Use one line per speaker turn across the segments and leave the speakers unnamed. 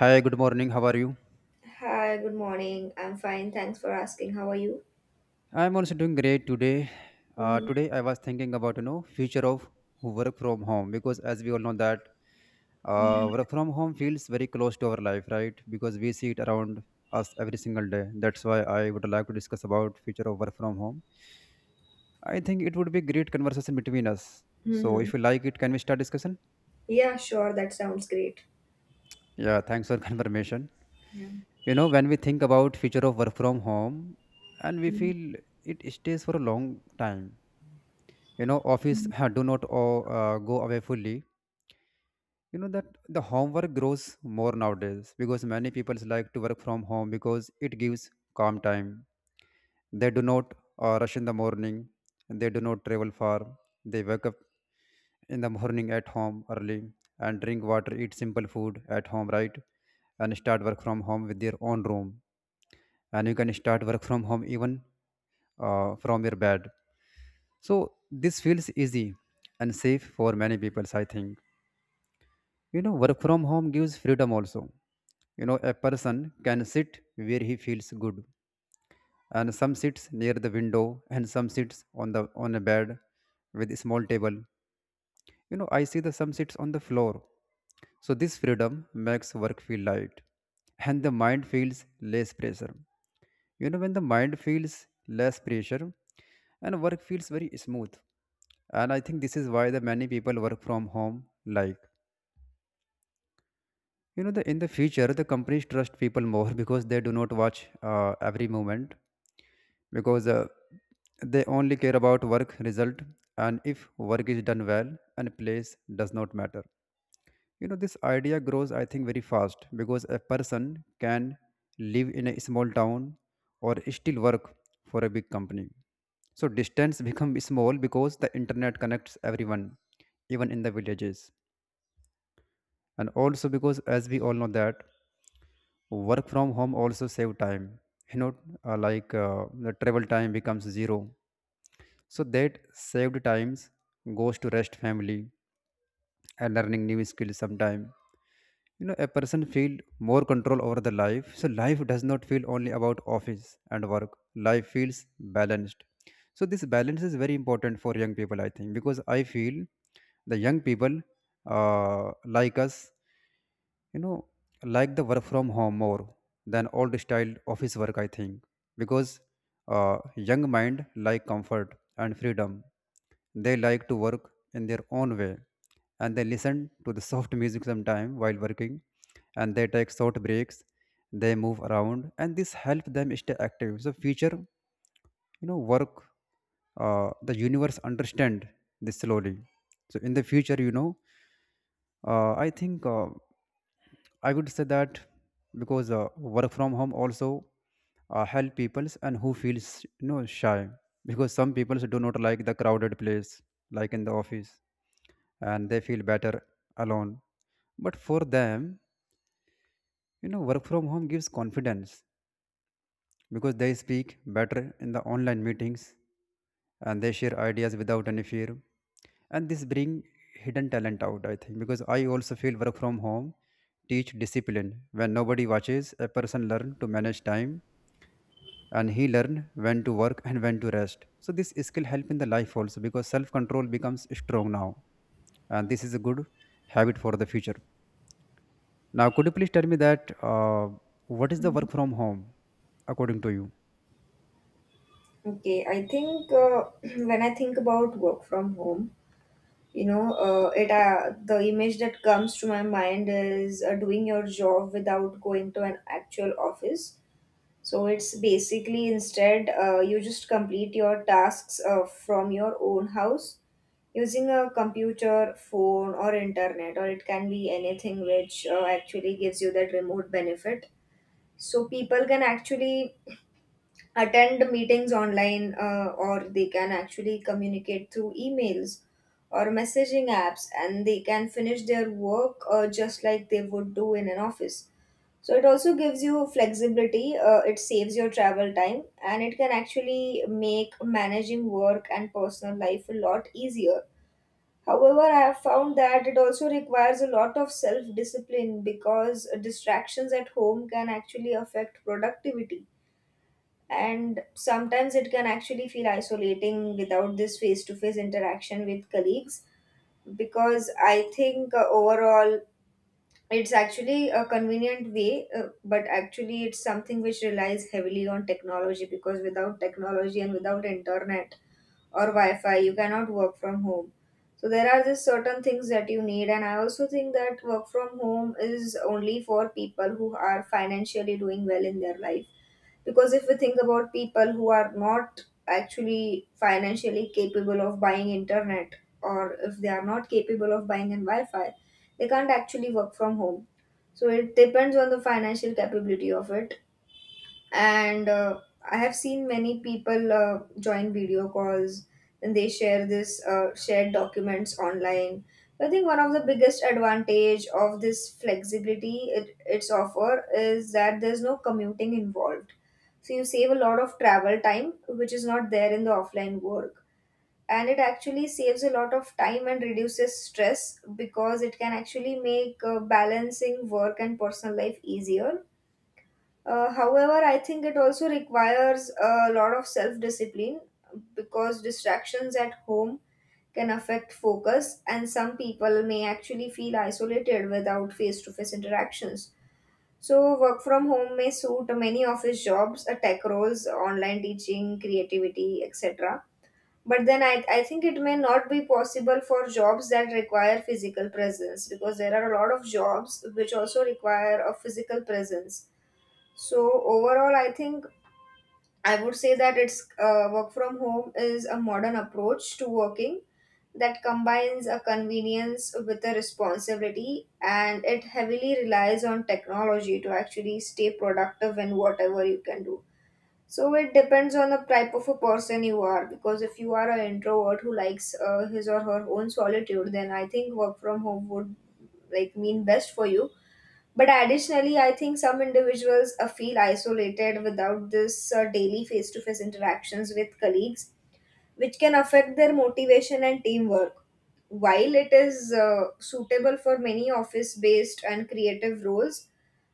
Hi, good morning. How are you?
Hi, good morning. I'm fine. Thanks for asking. How are you?
I'm also doing great today.
Mm-hmm.
Today I was thinking about future of work from home, because as we all know that
Mm-hmm.
work from home feels very close to our life, right? Because we see it around us every single day. That's why I would like to discuss about future of work from home. I think it would be great conversation between us. So
Mm-hmm.
if you like it, can we start discussion?
Yeah, sure. That sounds great.
Yeah, thanks for confirmation.
Yeah.
When we think about future of work from home, and we
Mhm.
feel it stays for a long time. Office do not go away fully. You know that The homework grows more nowadays because many people like to work from home because it gives calm time. They do not rush in the morning. They do not travel far. They wake up in the morning at home early, and drink water, eat simple food at home, right? And start work from home with their own room. And you can start work from home even from your bed. So this feels easy and safe for many people, I think. Work from home gives freedom also. A person can sit where he feels good, and some sits near the window, and some sits on a bed with a small table. I see the some sits on the floor. So this freedom makes work feel light, and the mind feels less pressure. When the mind feels less pressure, and work feels very smooth. And I think this is why the many people work from home, like the in the future the companies trust people more because they do not watch every movement, because they only care about work result. And if work is done well, and place does not matter, this idea grows, I think, very fast, because a person can live in a small town or still work for a big company. So distance become small because the internet connects everyone, even in the villages. And also, because as we all know that work from home also save time, you know like the travel time becomes zero. So that saved times goes to rest, family, and learning new skills sometime. A person feel more control over the life, so life does not feel only about office and work. Life feels balanced. So this balance is very important for young people, I think, because I feel the young people, uh, like us, you know like the work from home more than old style office work, I think. Because young mind like comfort and freedom. They like to work in their own way, and they listen to the soft music sometime while working, and they take short breaks. They move around, and this help them stay active. So future, work, the universe understand this slowly. So in the future, I think, I would say that because work from home also help peoples and who feels shy, because some people do not like the crowded place like in the office, and they feel better alone. But for them, work from home gives confidence, because they speak better in the online meetings, and they share ideas without any fear. And this bring hidden talent out, I think, because I also feel work from home teach discipline. When nobody watches, a person learn to manage time, and he learn when to work and when to rest. So this skill help in the life also, because self control becomes strong now. And this is a good habit for the future. Now could you please tell me that what is the work from home according to you?
Okay, I think when I think about work from home, you know, it the image that comes to my mind is doing your job without going to an actual office. So it's basically instead you just complete your tasks from your own house using a computer, phone, or internet, or it can be anything which actually gives you that remote benefit. So people can actually attend meetings online, or they can actually communicate through emails or messaging apps, and they can finish their work just like they would do in an office. So it also gives you flexibility, it saves your travel time, and it can actually make managing work and personal life a lot easier. However, I have found that it also requires a lot of self discipline because distractions at home can actually affect productivity. And sometimes it can actually feel isolating without this face to face interaction with colleagues because I think overall it's actually a convenient way, but actually it's something which relies heavily on technology because without technology and without internet, or wi-fi you cannot work from home. So there are just certain things that you need, and I also think that work from home is only for people who are financially doing well in their life, because if we think about people who are not actually financially capable of buying internet or if they are not capable of buying in wi-fi, they can't actually work from home. So it depends on the financial capability of it. And I have seen many people join video calls and they share this shared documents online. I think one of the biggest advantage of this flexibility it's offer is that there's no commuting involved, so you save a lot of travel time which is not there in the offline work. And it actually saves a lot of time and reduces stress, because it can actually make balancing work and personal life easier. However, I think it also requires a lot of self discipline because distractions at home can affect focus, and some people may actually feel isolated without face to face interactions. So, work from home may suit many office jobs, tech roles, online teaching, creativity, etc. But then I think it may not be possible for jobs that require physical presence, because there are a lot of jobs which also require a physical presence. So overall, I think I would say that it's work from home is a modern approach to working that combines a convenience with a responsibility, and it heavily relies on technology to actually stay productive in whatever you can do. So it depends on the type of a person you are, because if you are an introvert who likes his or her own solitude, then I think work from home would like mean best for you. But additionally, I think some individuals feel isolated without this daily face to face interactions with colleagues, which can affect their motivation and teamwork. While it is suitable for many office based and creative roles,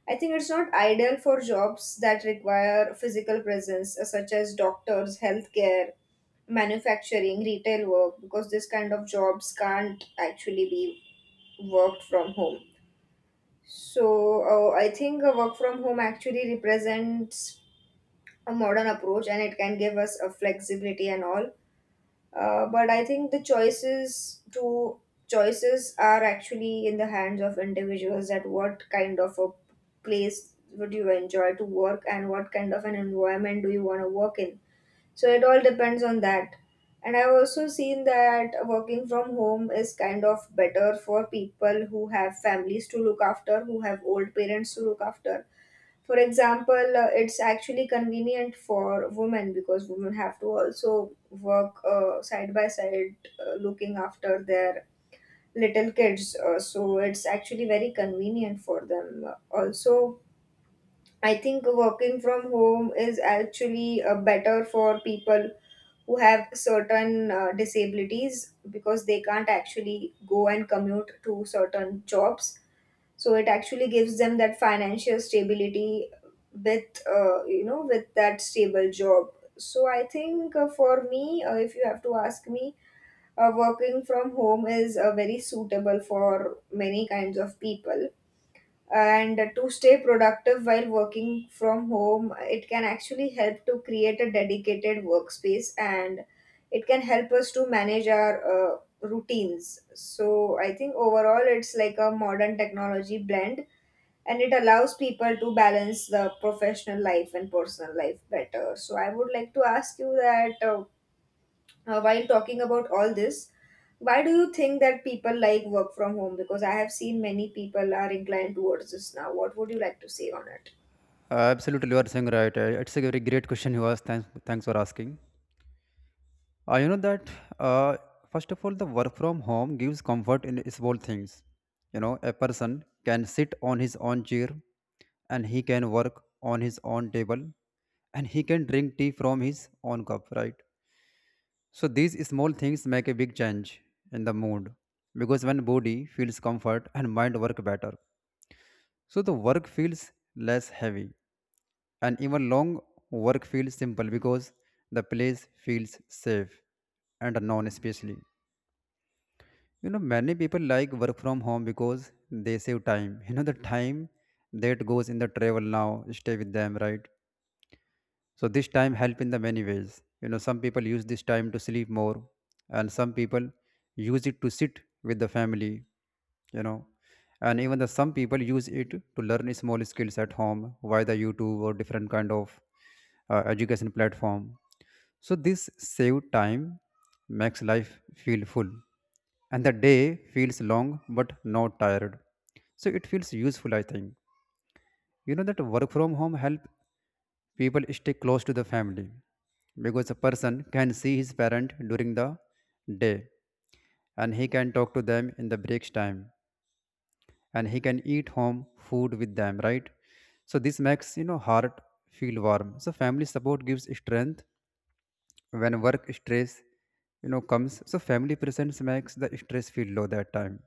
I think it's not ideal for jobs that require physical presence, such as doctors, healthcare, manufacturing, retail work, because this kind of jobs can't actually be worked from home. So I think work from home actually represents a modern approach, and it can give us a flexibility and all. But I think the choices are actually in the hands of individuals, that what kind of a place would you enjoy to work and what kind of an environment do you want to work in, so it all depends on that. And I've also seen that working from home is kind of better for people who have families to look after, who have old parents to look after. For example, it's actually convenient for women because women have to also work side by side looking after their little kids. So it's actually very convenient for them. Also, I think working from home is actually better for people who have certain disabilities, because they can't actually go and commute to certain jobs, so it actually gives them that financial stability with you know with that stable job. So I think for me, if you have to ask me, working from home is very suitable for many kinds of people. And to stay productive while working from home, it can actually help to create a dedicated workspace and it can help us to manage our routines. So I think overall it's like a modern technology blend, and it allows people to balance the professional life and personal life better. So I would like to ask you that, while talking about all this, why do you think that people like work from home? Because I have seen many people are inclined towards this now. What would you like to say on it?
Absolutely, you are saying right. It's a very great question you asked. Thanks for asking. You know that uh, First of all, the work from home gives comfort in small things. A person can sit on his own chair, and he can work on his own table, and he can drink tea from his own cup. Right. So these small things make a big change in the mood, because when body feels comfort and mind work better, so the work feels less heavy, and even long work feels simple because the place feels safe and known, especially. Many people like work from home because they save time. The time that goes in the travel now stay with them, right? So this time help in the many ways. Some people use this time to sleep more, and some people use it to sit with the family. You know, and even the some people use it to learn small skills at home via the YouTube or different kind of education platform. So this saved time makes life feel full, and the day feels long but not tired. So it feels useful, I think. You know that Work from home help people stay close to the family, because a person can see his parent during the day, and he can talk to them in the breaks time, and he can eat home food with them, right? So this makes heart feel warm. So family support gives strength when work stress comes. So family presence makes the stress feel low that time.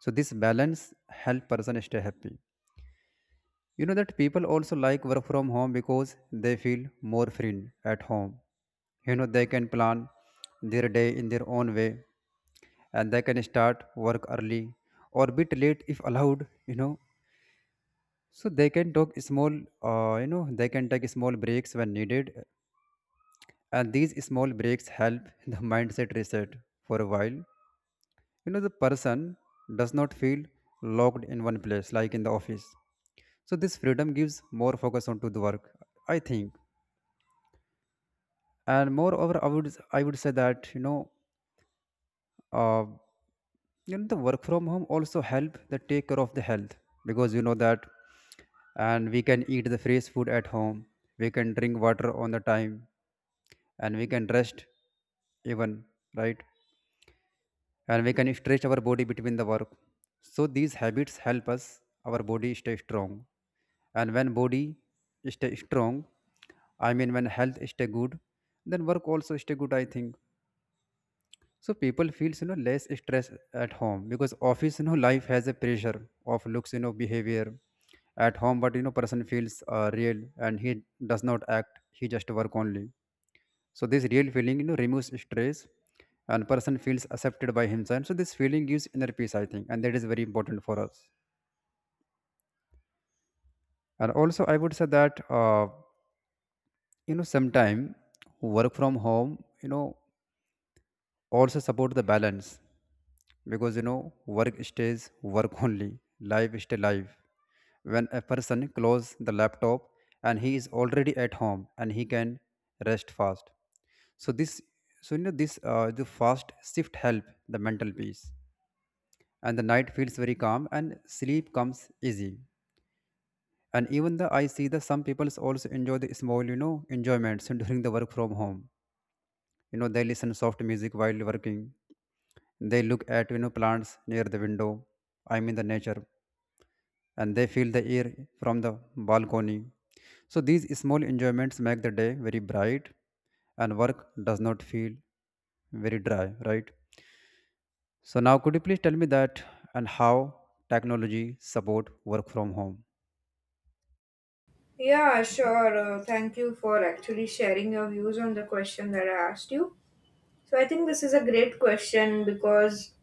So this balance help person stay happy. You know that People also like work from home because they feel more free at home. They can plan their day in their own way, and they can start work early or bit late if allowed. So they can talk small, they can take small breaks when needed. And these small breaks help the mindset reset for a while. The person does not feel locked in one place like in the office. So this freedom gives more focus onto the work, I think. And moreover, I would say that uh, the work from home also help the take care of the health, because you know that and we can eat the fresh food at home. We can drink water on the time, and we can rest even, right? And we can stretch our body between the work. So these habits help us our body stay strong. And when body stay strong, I mean when health stay good, then work also stay good, I think. So people feels less stress at home, because office life has a pressure of looks, behavior at home. But person feels real, and he does not act. He just work only. So this real feeling removes stress, and person feels accepted by himself. So this feeling gives inner peace, I think, and that is very important for us. And also I would say that sometime work from home also support the balance, because work stays work only, life stay life. When a person close the laptop, and he is already at home, and he can rest fast. So this so you know this uh, the fast shift help the mental peace, and the night feels very calm and sleep comes easy. And even the I see the some people also enjoy the small enjoyments during the work from home. They listen soft music while working. They look at plants near the window, I mean the nature, and they feel the air from the balcony. So these small enjoyments make the day very bright, and work does not feel very dry, right? So now could you please tell me that and how technology support work from home?
Yeah, sure. Thank you for actually sharing your views on the question that I asked you. So, I think this is a great question because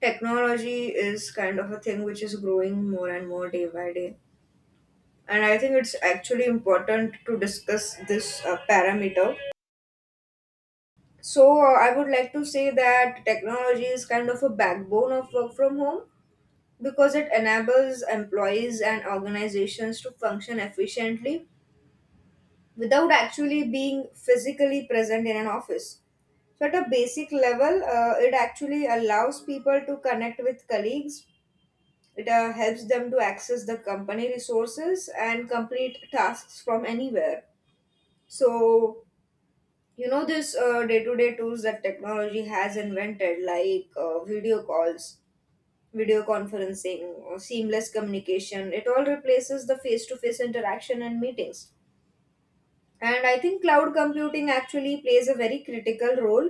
technology is kind of a thing which is growing more and more day by day. And I think it's actually important to discuss this parameter. So, I would like to say that technology is kind of a backbone of work from home because it enables employees and organizations to function efficiently without actually being physically present in an office. So, at a basic level, it actually allows people to connect with colleagues, it helps them to access the company resources and complete tasks from anywhere. So, this day-to-day tools that technology has invented, like video calls, video conferencing, or seamless communication, it all replaces the face-to-face interaction and meetings. And I think cloud computing actually plays a very critical role,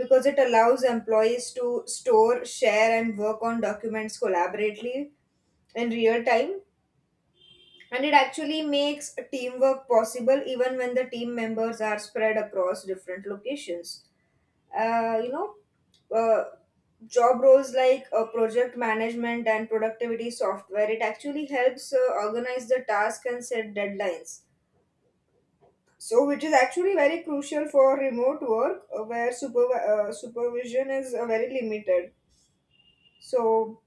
because it allows employees to store, share, and work on documents collaboratively in real time, and it actually makes teamwork possible even when the team members are spread across different locations. uh, you know, uh, job roles like project management and productivity software, it actually helps organize the task and set deadlines. So, which is actually very crucial for remote work where supervision is very limited. So,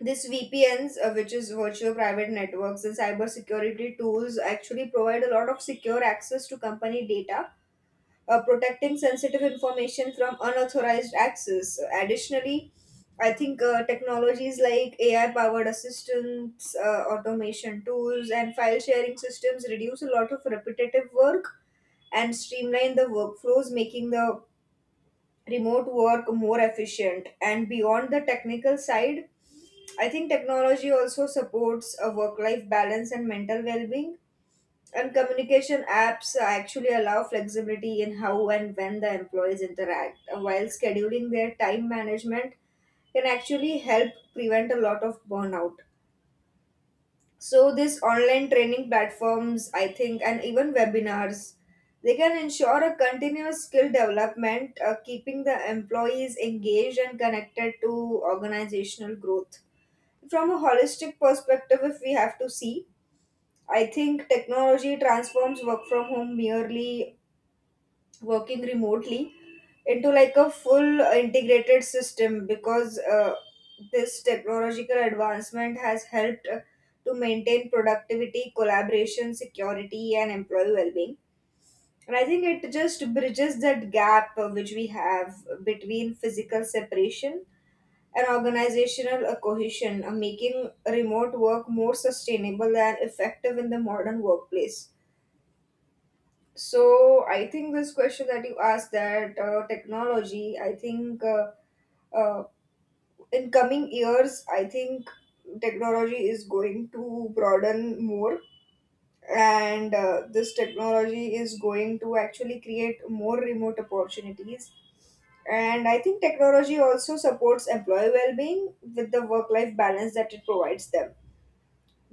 this VPNs, which is virtual private networks and cybersecurity tools, actually provide a lot of secure access to company data, protecting sensitive information from unauthorized access. Additionally, I think technologies like AI powered assistants, automation tools, and file sharing systems reduce a lot of repetitive work and streamline the workflows, making the remote work more efficient. And beyond the technical side, I think technology also supports a work life balance and mental well being, and communication apps actually allow flexibility in how and when the employees interact, while scheduling their time management can actually help prevent a lot of burnout. So, this online training platforms, I think, and even webinars, they can ensure a continuous skill development, keeping the employees engaged and connected to organizational growth. From a holistic perspective, if we have to see, I think technology transforms work from home merely working remotely into like a full integrated system, because this technological advancement has helped to maintain productivity, collaboration, security, and employee well being. And I think it just bridges that gap which we have between physical separation and organizational cohesion, making remote work more sustainable and effective in the modern workplace. So I think this question that you asked that technology, I think uh, in coming years, I think technology is going to broaden more, and this technology is going to actually create more remote opportunities. And I think technology also supports employee well-being with the work-life balance that it provides them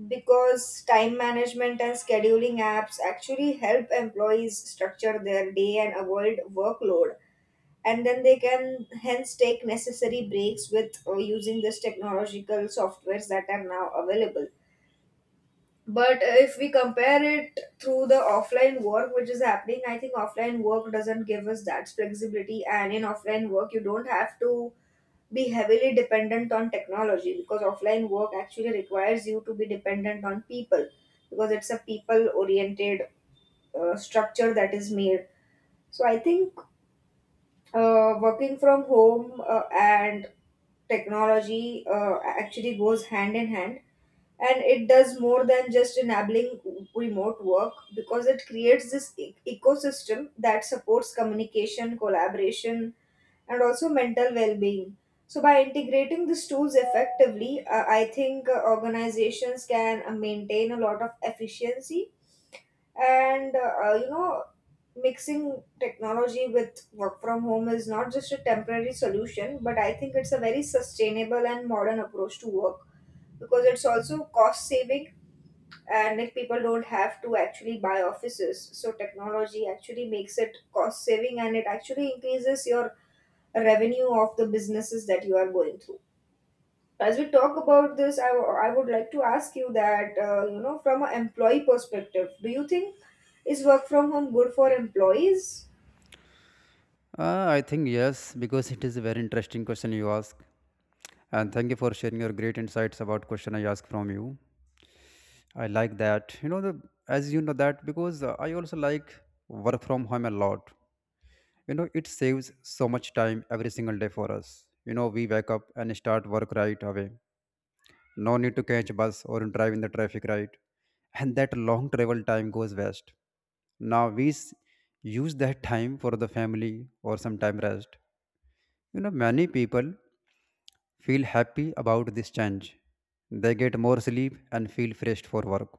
because time management and scheduling apps actually help employees structure their day and avoid workload, and then they can hence take necessary breaks with using this technological softwares that are now available. But if we compare it through the offline work which is happening, I think offline work doesn't give us that flexibility, and in offline work you don't have to be heavily dependent on technology because offline work actually requires you to be dependent on people because it's a people oriented structure that is made. So I think working from home and technology actually goes hand in hand, and it does more than just enabling remote work because it creates this ecosystem that supports communication collaboration and also mental well-being. So by integrating these tools effectively, I think organizations can maintain a lot of efficiency, and mixing technology with work from home is not just a temporary solution, but I think it's a very sustainable and modern approach to work because it's also cost saving. And if people don't have to actually buy offices, so technology actually makes it cost saving and it actually increases your revenue of the businesses that you are going through. As we talk about this, I would like to ask you that, from an employee perspective, do you think is work from home good for employees?
I think yes, because it is a very interesting question you ask. And thank you for sharing your great insights about question I asked from you. I like that. As you know that, because I also like work from home a lot. It saves so much time every single day for us. We wake up and start work right away. No need to catch bus or drive in the traffic, right? And that long travel time goes waste. Now we use that time for the family, or some time rest. Many people feel happy about this change. They get more sleep and feel fresh for work.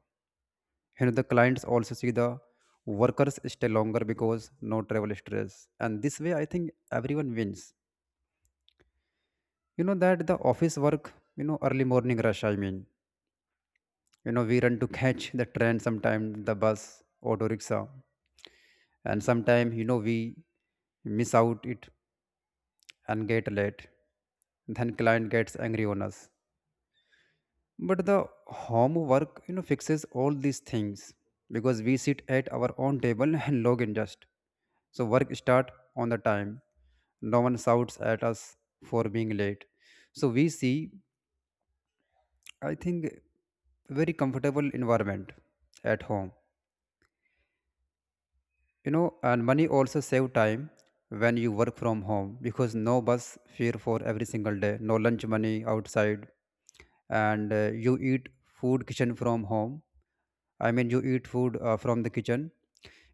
The clients also see the workers stay longer because no travel stress. And this way, I think everyone wins. You know that the office work, early morning rush. I mean, we run to catch the train sometime, the bus, auto rickshaw. And sometime, we miss out it and get late. Then client gets angry on us. But the homework, fixes all these things because we sit at our own table and log in just so work start on the time. No one shouts at us for being late. So we see, I think, very comfortable environment at home. And money also save time when you work from home because no bus fare for every single day, no lunch money outside. And you eat food kitchen from home. I mean, you eat food from the kitchen.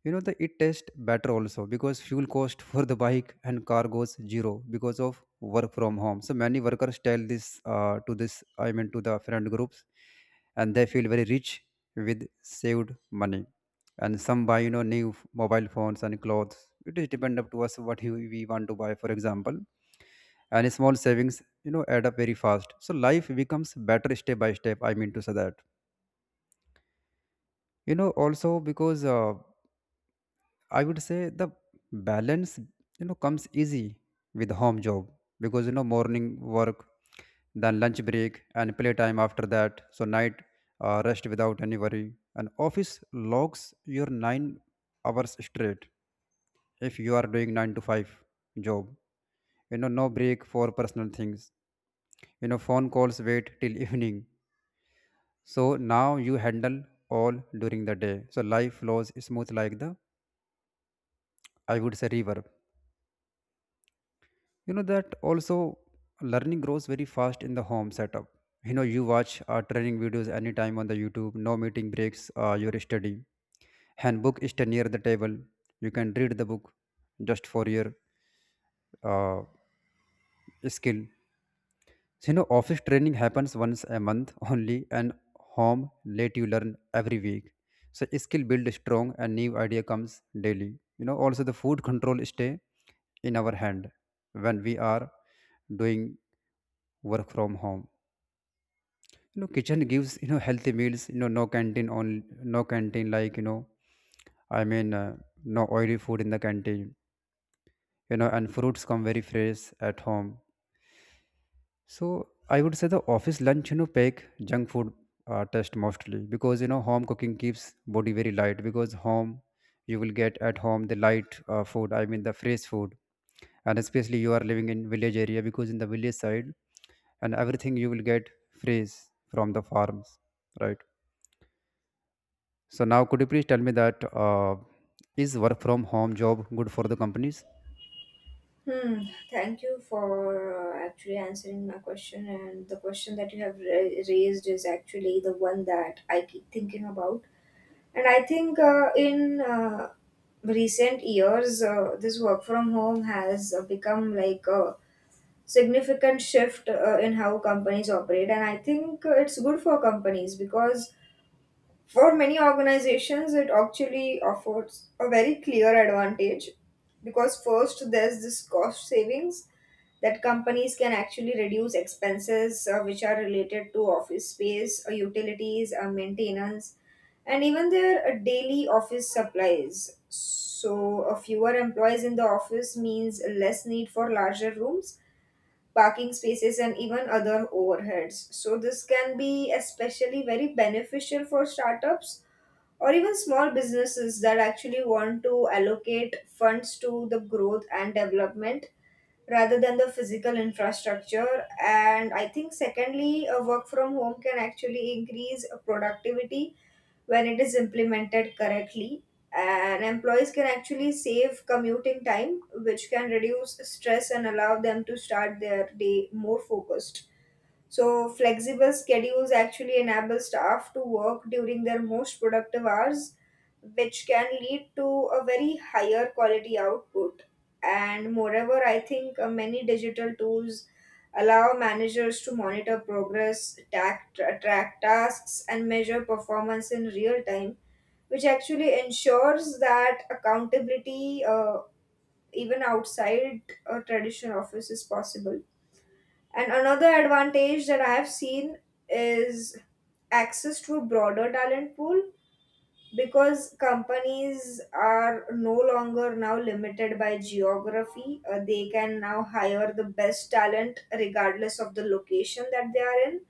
You know, the it tastes better also because fuel cost for the bike and car goes zero because of work from home. So many workers tell this to this, I mean to the friend groups. And they feel very rich with saved money. And some buy, new mobile phones and clothes. It is depend up to us what we want to buy, for example. And small savings, add up very fast. So life becomes better step by step. I mean to say that, also because I would say the balance, comes easy with home job. Because morning work, then lunch break and playtime after that. So night rest without any worry. And office logs your 9 hours straight if you are doing 9 to 5 job. No break for personal things. Phone calls wait till evening. So now you handle all during the day. So life flows smooth like the, I would say, river. You know that also learning grows very fast in the home setup. You watch training videos anytime on the YouTube, no meeting breaks your study. Handbook is near the table, you can read the book just for your uh, skill. So, office training happens once a month only, and home let you learn every week. So, skill build strong, and new idea comes daily. Also the food control stay in our hand when we are doing work from home. Kitchen gives healthy meals. No canteen, like, I mean, no oily food in the canteen. And fruits come very fresh at home. So I would say the office lunch, pack junk food test mostly. Because home cooking keeps body very light. Because home, you will get at home the light food. I mean the fresh food. And especially you are living in village area, because in the village side and everything you will get fresh from the farms, right? So now could you please tell me that is work from home job good for the companies?
Hmm. Thank you for actually answering my question, and the question that you have raised is actually the one that I keep thinking about. And I think in recent years, this work from home has become like a significant shift in how companies operate. And I think it's good for companies because for many organizations, it actually offers a very clear advantage. Because first, there's this cost savings that companies can actually reduce expenses which are related to office space, utilities, maintenance, and even their daily office supplies. So, fewer employees in the office means less need for larger rooms, parking spaces, and even other overheads. So, this can be especially very beneficial for startups or even small businesses that actually want to allocate funds to the growth and development rather than the physical infrastructure. And I think, secondly, a work from home can actually increase productivity when it is implemented correctly. And employees can actually save commuting time, which can reduce stress and allow them to start their day more focused. So, flexible schedules actually enable staff to work during their most productive hours, which can lead to a very higher quality output. And moreover, I think many digital tools allow managers to monitor progress, track tasks, and measure performance in real time, which actually ensures that accountability, even outside a traditional office, is possible. And another advantage that I have seen is access to a broader talent pool because companies are no longer now limited by geography. They can now hire the best talent regardless of the location that they are in,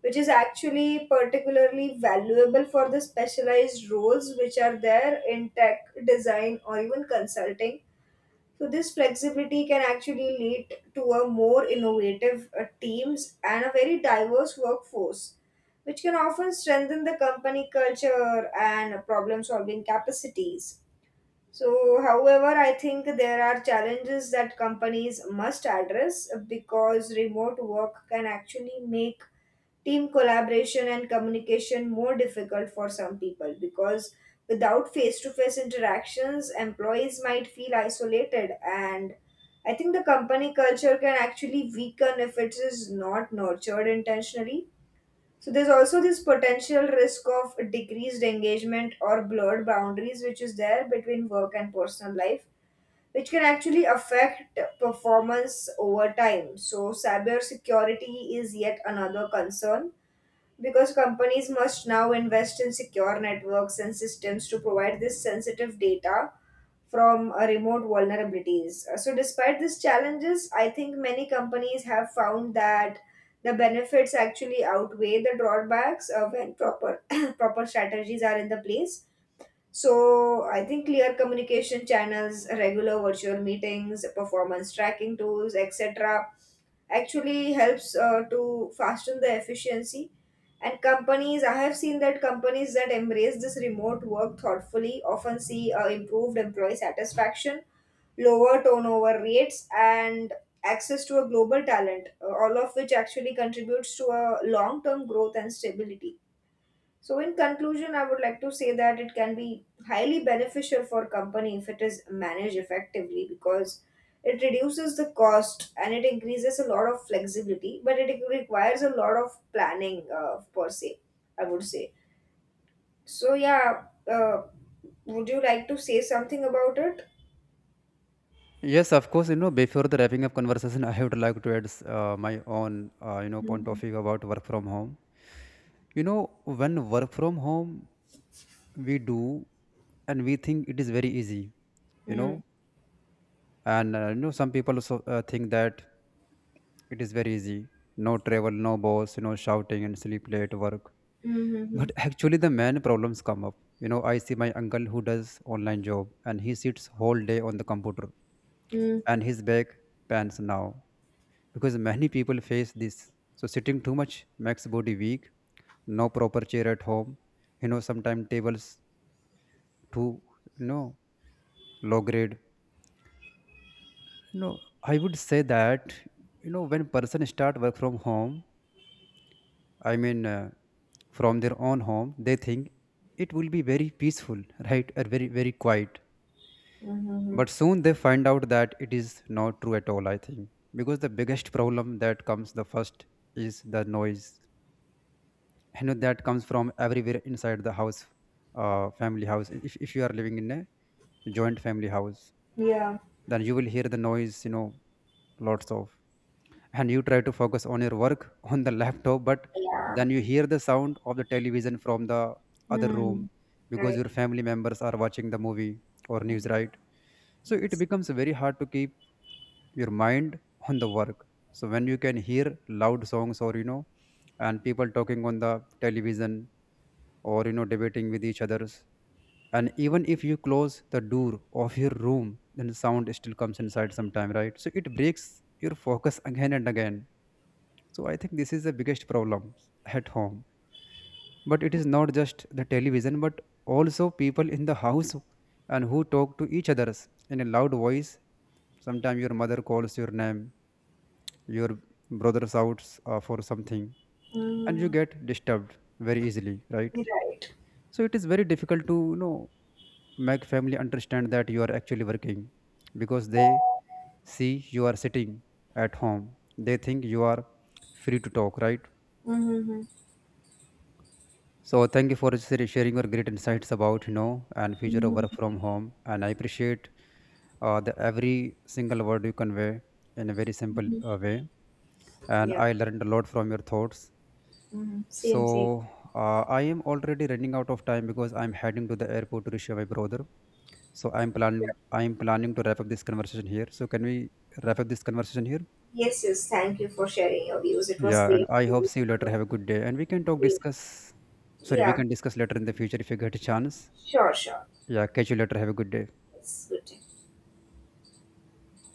which is actually particularly valuable for the specialized roles which are there in tech, design, or even consulting. So this flexibility can actually lead to a more innovative teams and a very diverse workforce, which can often strengthen the company culture and problem-solving capacities. So, however, I think there are challenges that companies must address because remote work can actually make team collaboration and communication more difficult for some people, because without face to face interactions employees might feel isolated, and I think the company culture can actually weaken if it is not nurtured intentionally. So there's also this potential risk of decreased engagement or blurred boundaries which is there between work and personal life, which can actually affect performance over time. So cybersecurity is yet another concern because companies must now invest in secure networks and systems to provide this sensitive data from remote vulnerabilities. So, despite these challenges, I think many companies have found that the benefits actually outweigh the drawbacks when proper proper strategies are in the place. So, I think clear communication channels, regular virtual meetings, performance tracking tools, etc actually helps to fasten the efficiency. And companies, i have seen, that companies that embrace this remote work thoughtfully often see improved employee satisfaction, lower turnover rates and access to a global talent, all of which actually contributes to a long term growth and stability. So, in conclusion, I would like to say that it can be highly beneficial for company if it is managed effectively because it reduces the cost and it increases a lot of flexibility, but it requires a lot of planning per se, I would say. So, yeah, uh, would you like to say something about it?
Yes, of course. Before the wrapping up conversation, I would like to add my own, point of
Mhm.
view about work from home. When work from home, we do and we think it is very easy, you
Mm.
know, and some people also think that it is very easy. No travel, no boss, shouting and sleep late work.
Mm-hmm.
But actually, the main problems come up. I see my uncle who does online job and he sits whole day on the computer
Mm.
and his back pains now because many people face this. So sitting too much makes body weak, no proper chair at home, sometimes tables to, you know low grade. I would say that when person start work from home, I mean from their own home, they think it will be very peaceful, right? Or very very quiet.
Mm-hmm.
But soon they find out that it is not true at all, I think. Because the biggest problem that comes the first is the noise, that comes from everywhere inside the house, family house. If you are living in a joint family house,
Yeah.
then you will hear the noise, lots of. And you try to focus on your work on the laptop. But
Yeah.
then you hear the sound of the television from the other
Mm.
room because
Right.
your family members are watching the movie or news,
Mm.
right? So it
Yes.
becomes very hard to keep your mind on the work. So when you can hear loud songs, or and people talking on the television, or debating with each others. And even if you close the door of your room, then the sound still comes inside sometime, right? So it breaks your focus again and again. So I think this is the biggest problem at home. But it is not just the television, but also people in the house and who talk to each others in a loud voice. Sometimes your mother calls your name, your brother shouts for something, and you
Mm.
get disturbed very easily, right?
Right.
So it is very difficult to make family understand that you are actually working, because they see you are sitting at home. They think you are free to talk, right?
Mm-hmm.
So thank you for sharing your great insights about and future of work
Mm-hmm.
from home, and I appreciate the every single word you convey in a very simple
Mm-hmm.
way, and
Yeah.
I learned a lot from your thoughts.
Mm-hmm. Same, same.
So I am already running out of time because I'm heading to the airport to reach my brother. So
Yeah.
I'm planning to wrap up this conversation here. So can we wrap up this conversation here?
Yes, yes. Thank you for sharing your views. It was
Yeah, and
great.
I hope see you later. Have a good day, and we can talk discuss. Sorry, we
Yeah.
can discuss later in the future if you get a chance.
Sure, sure.
Yeah, catch you later. Have a good day.
It's good.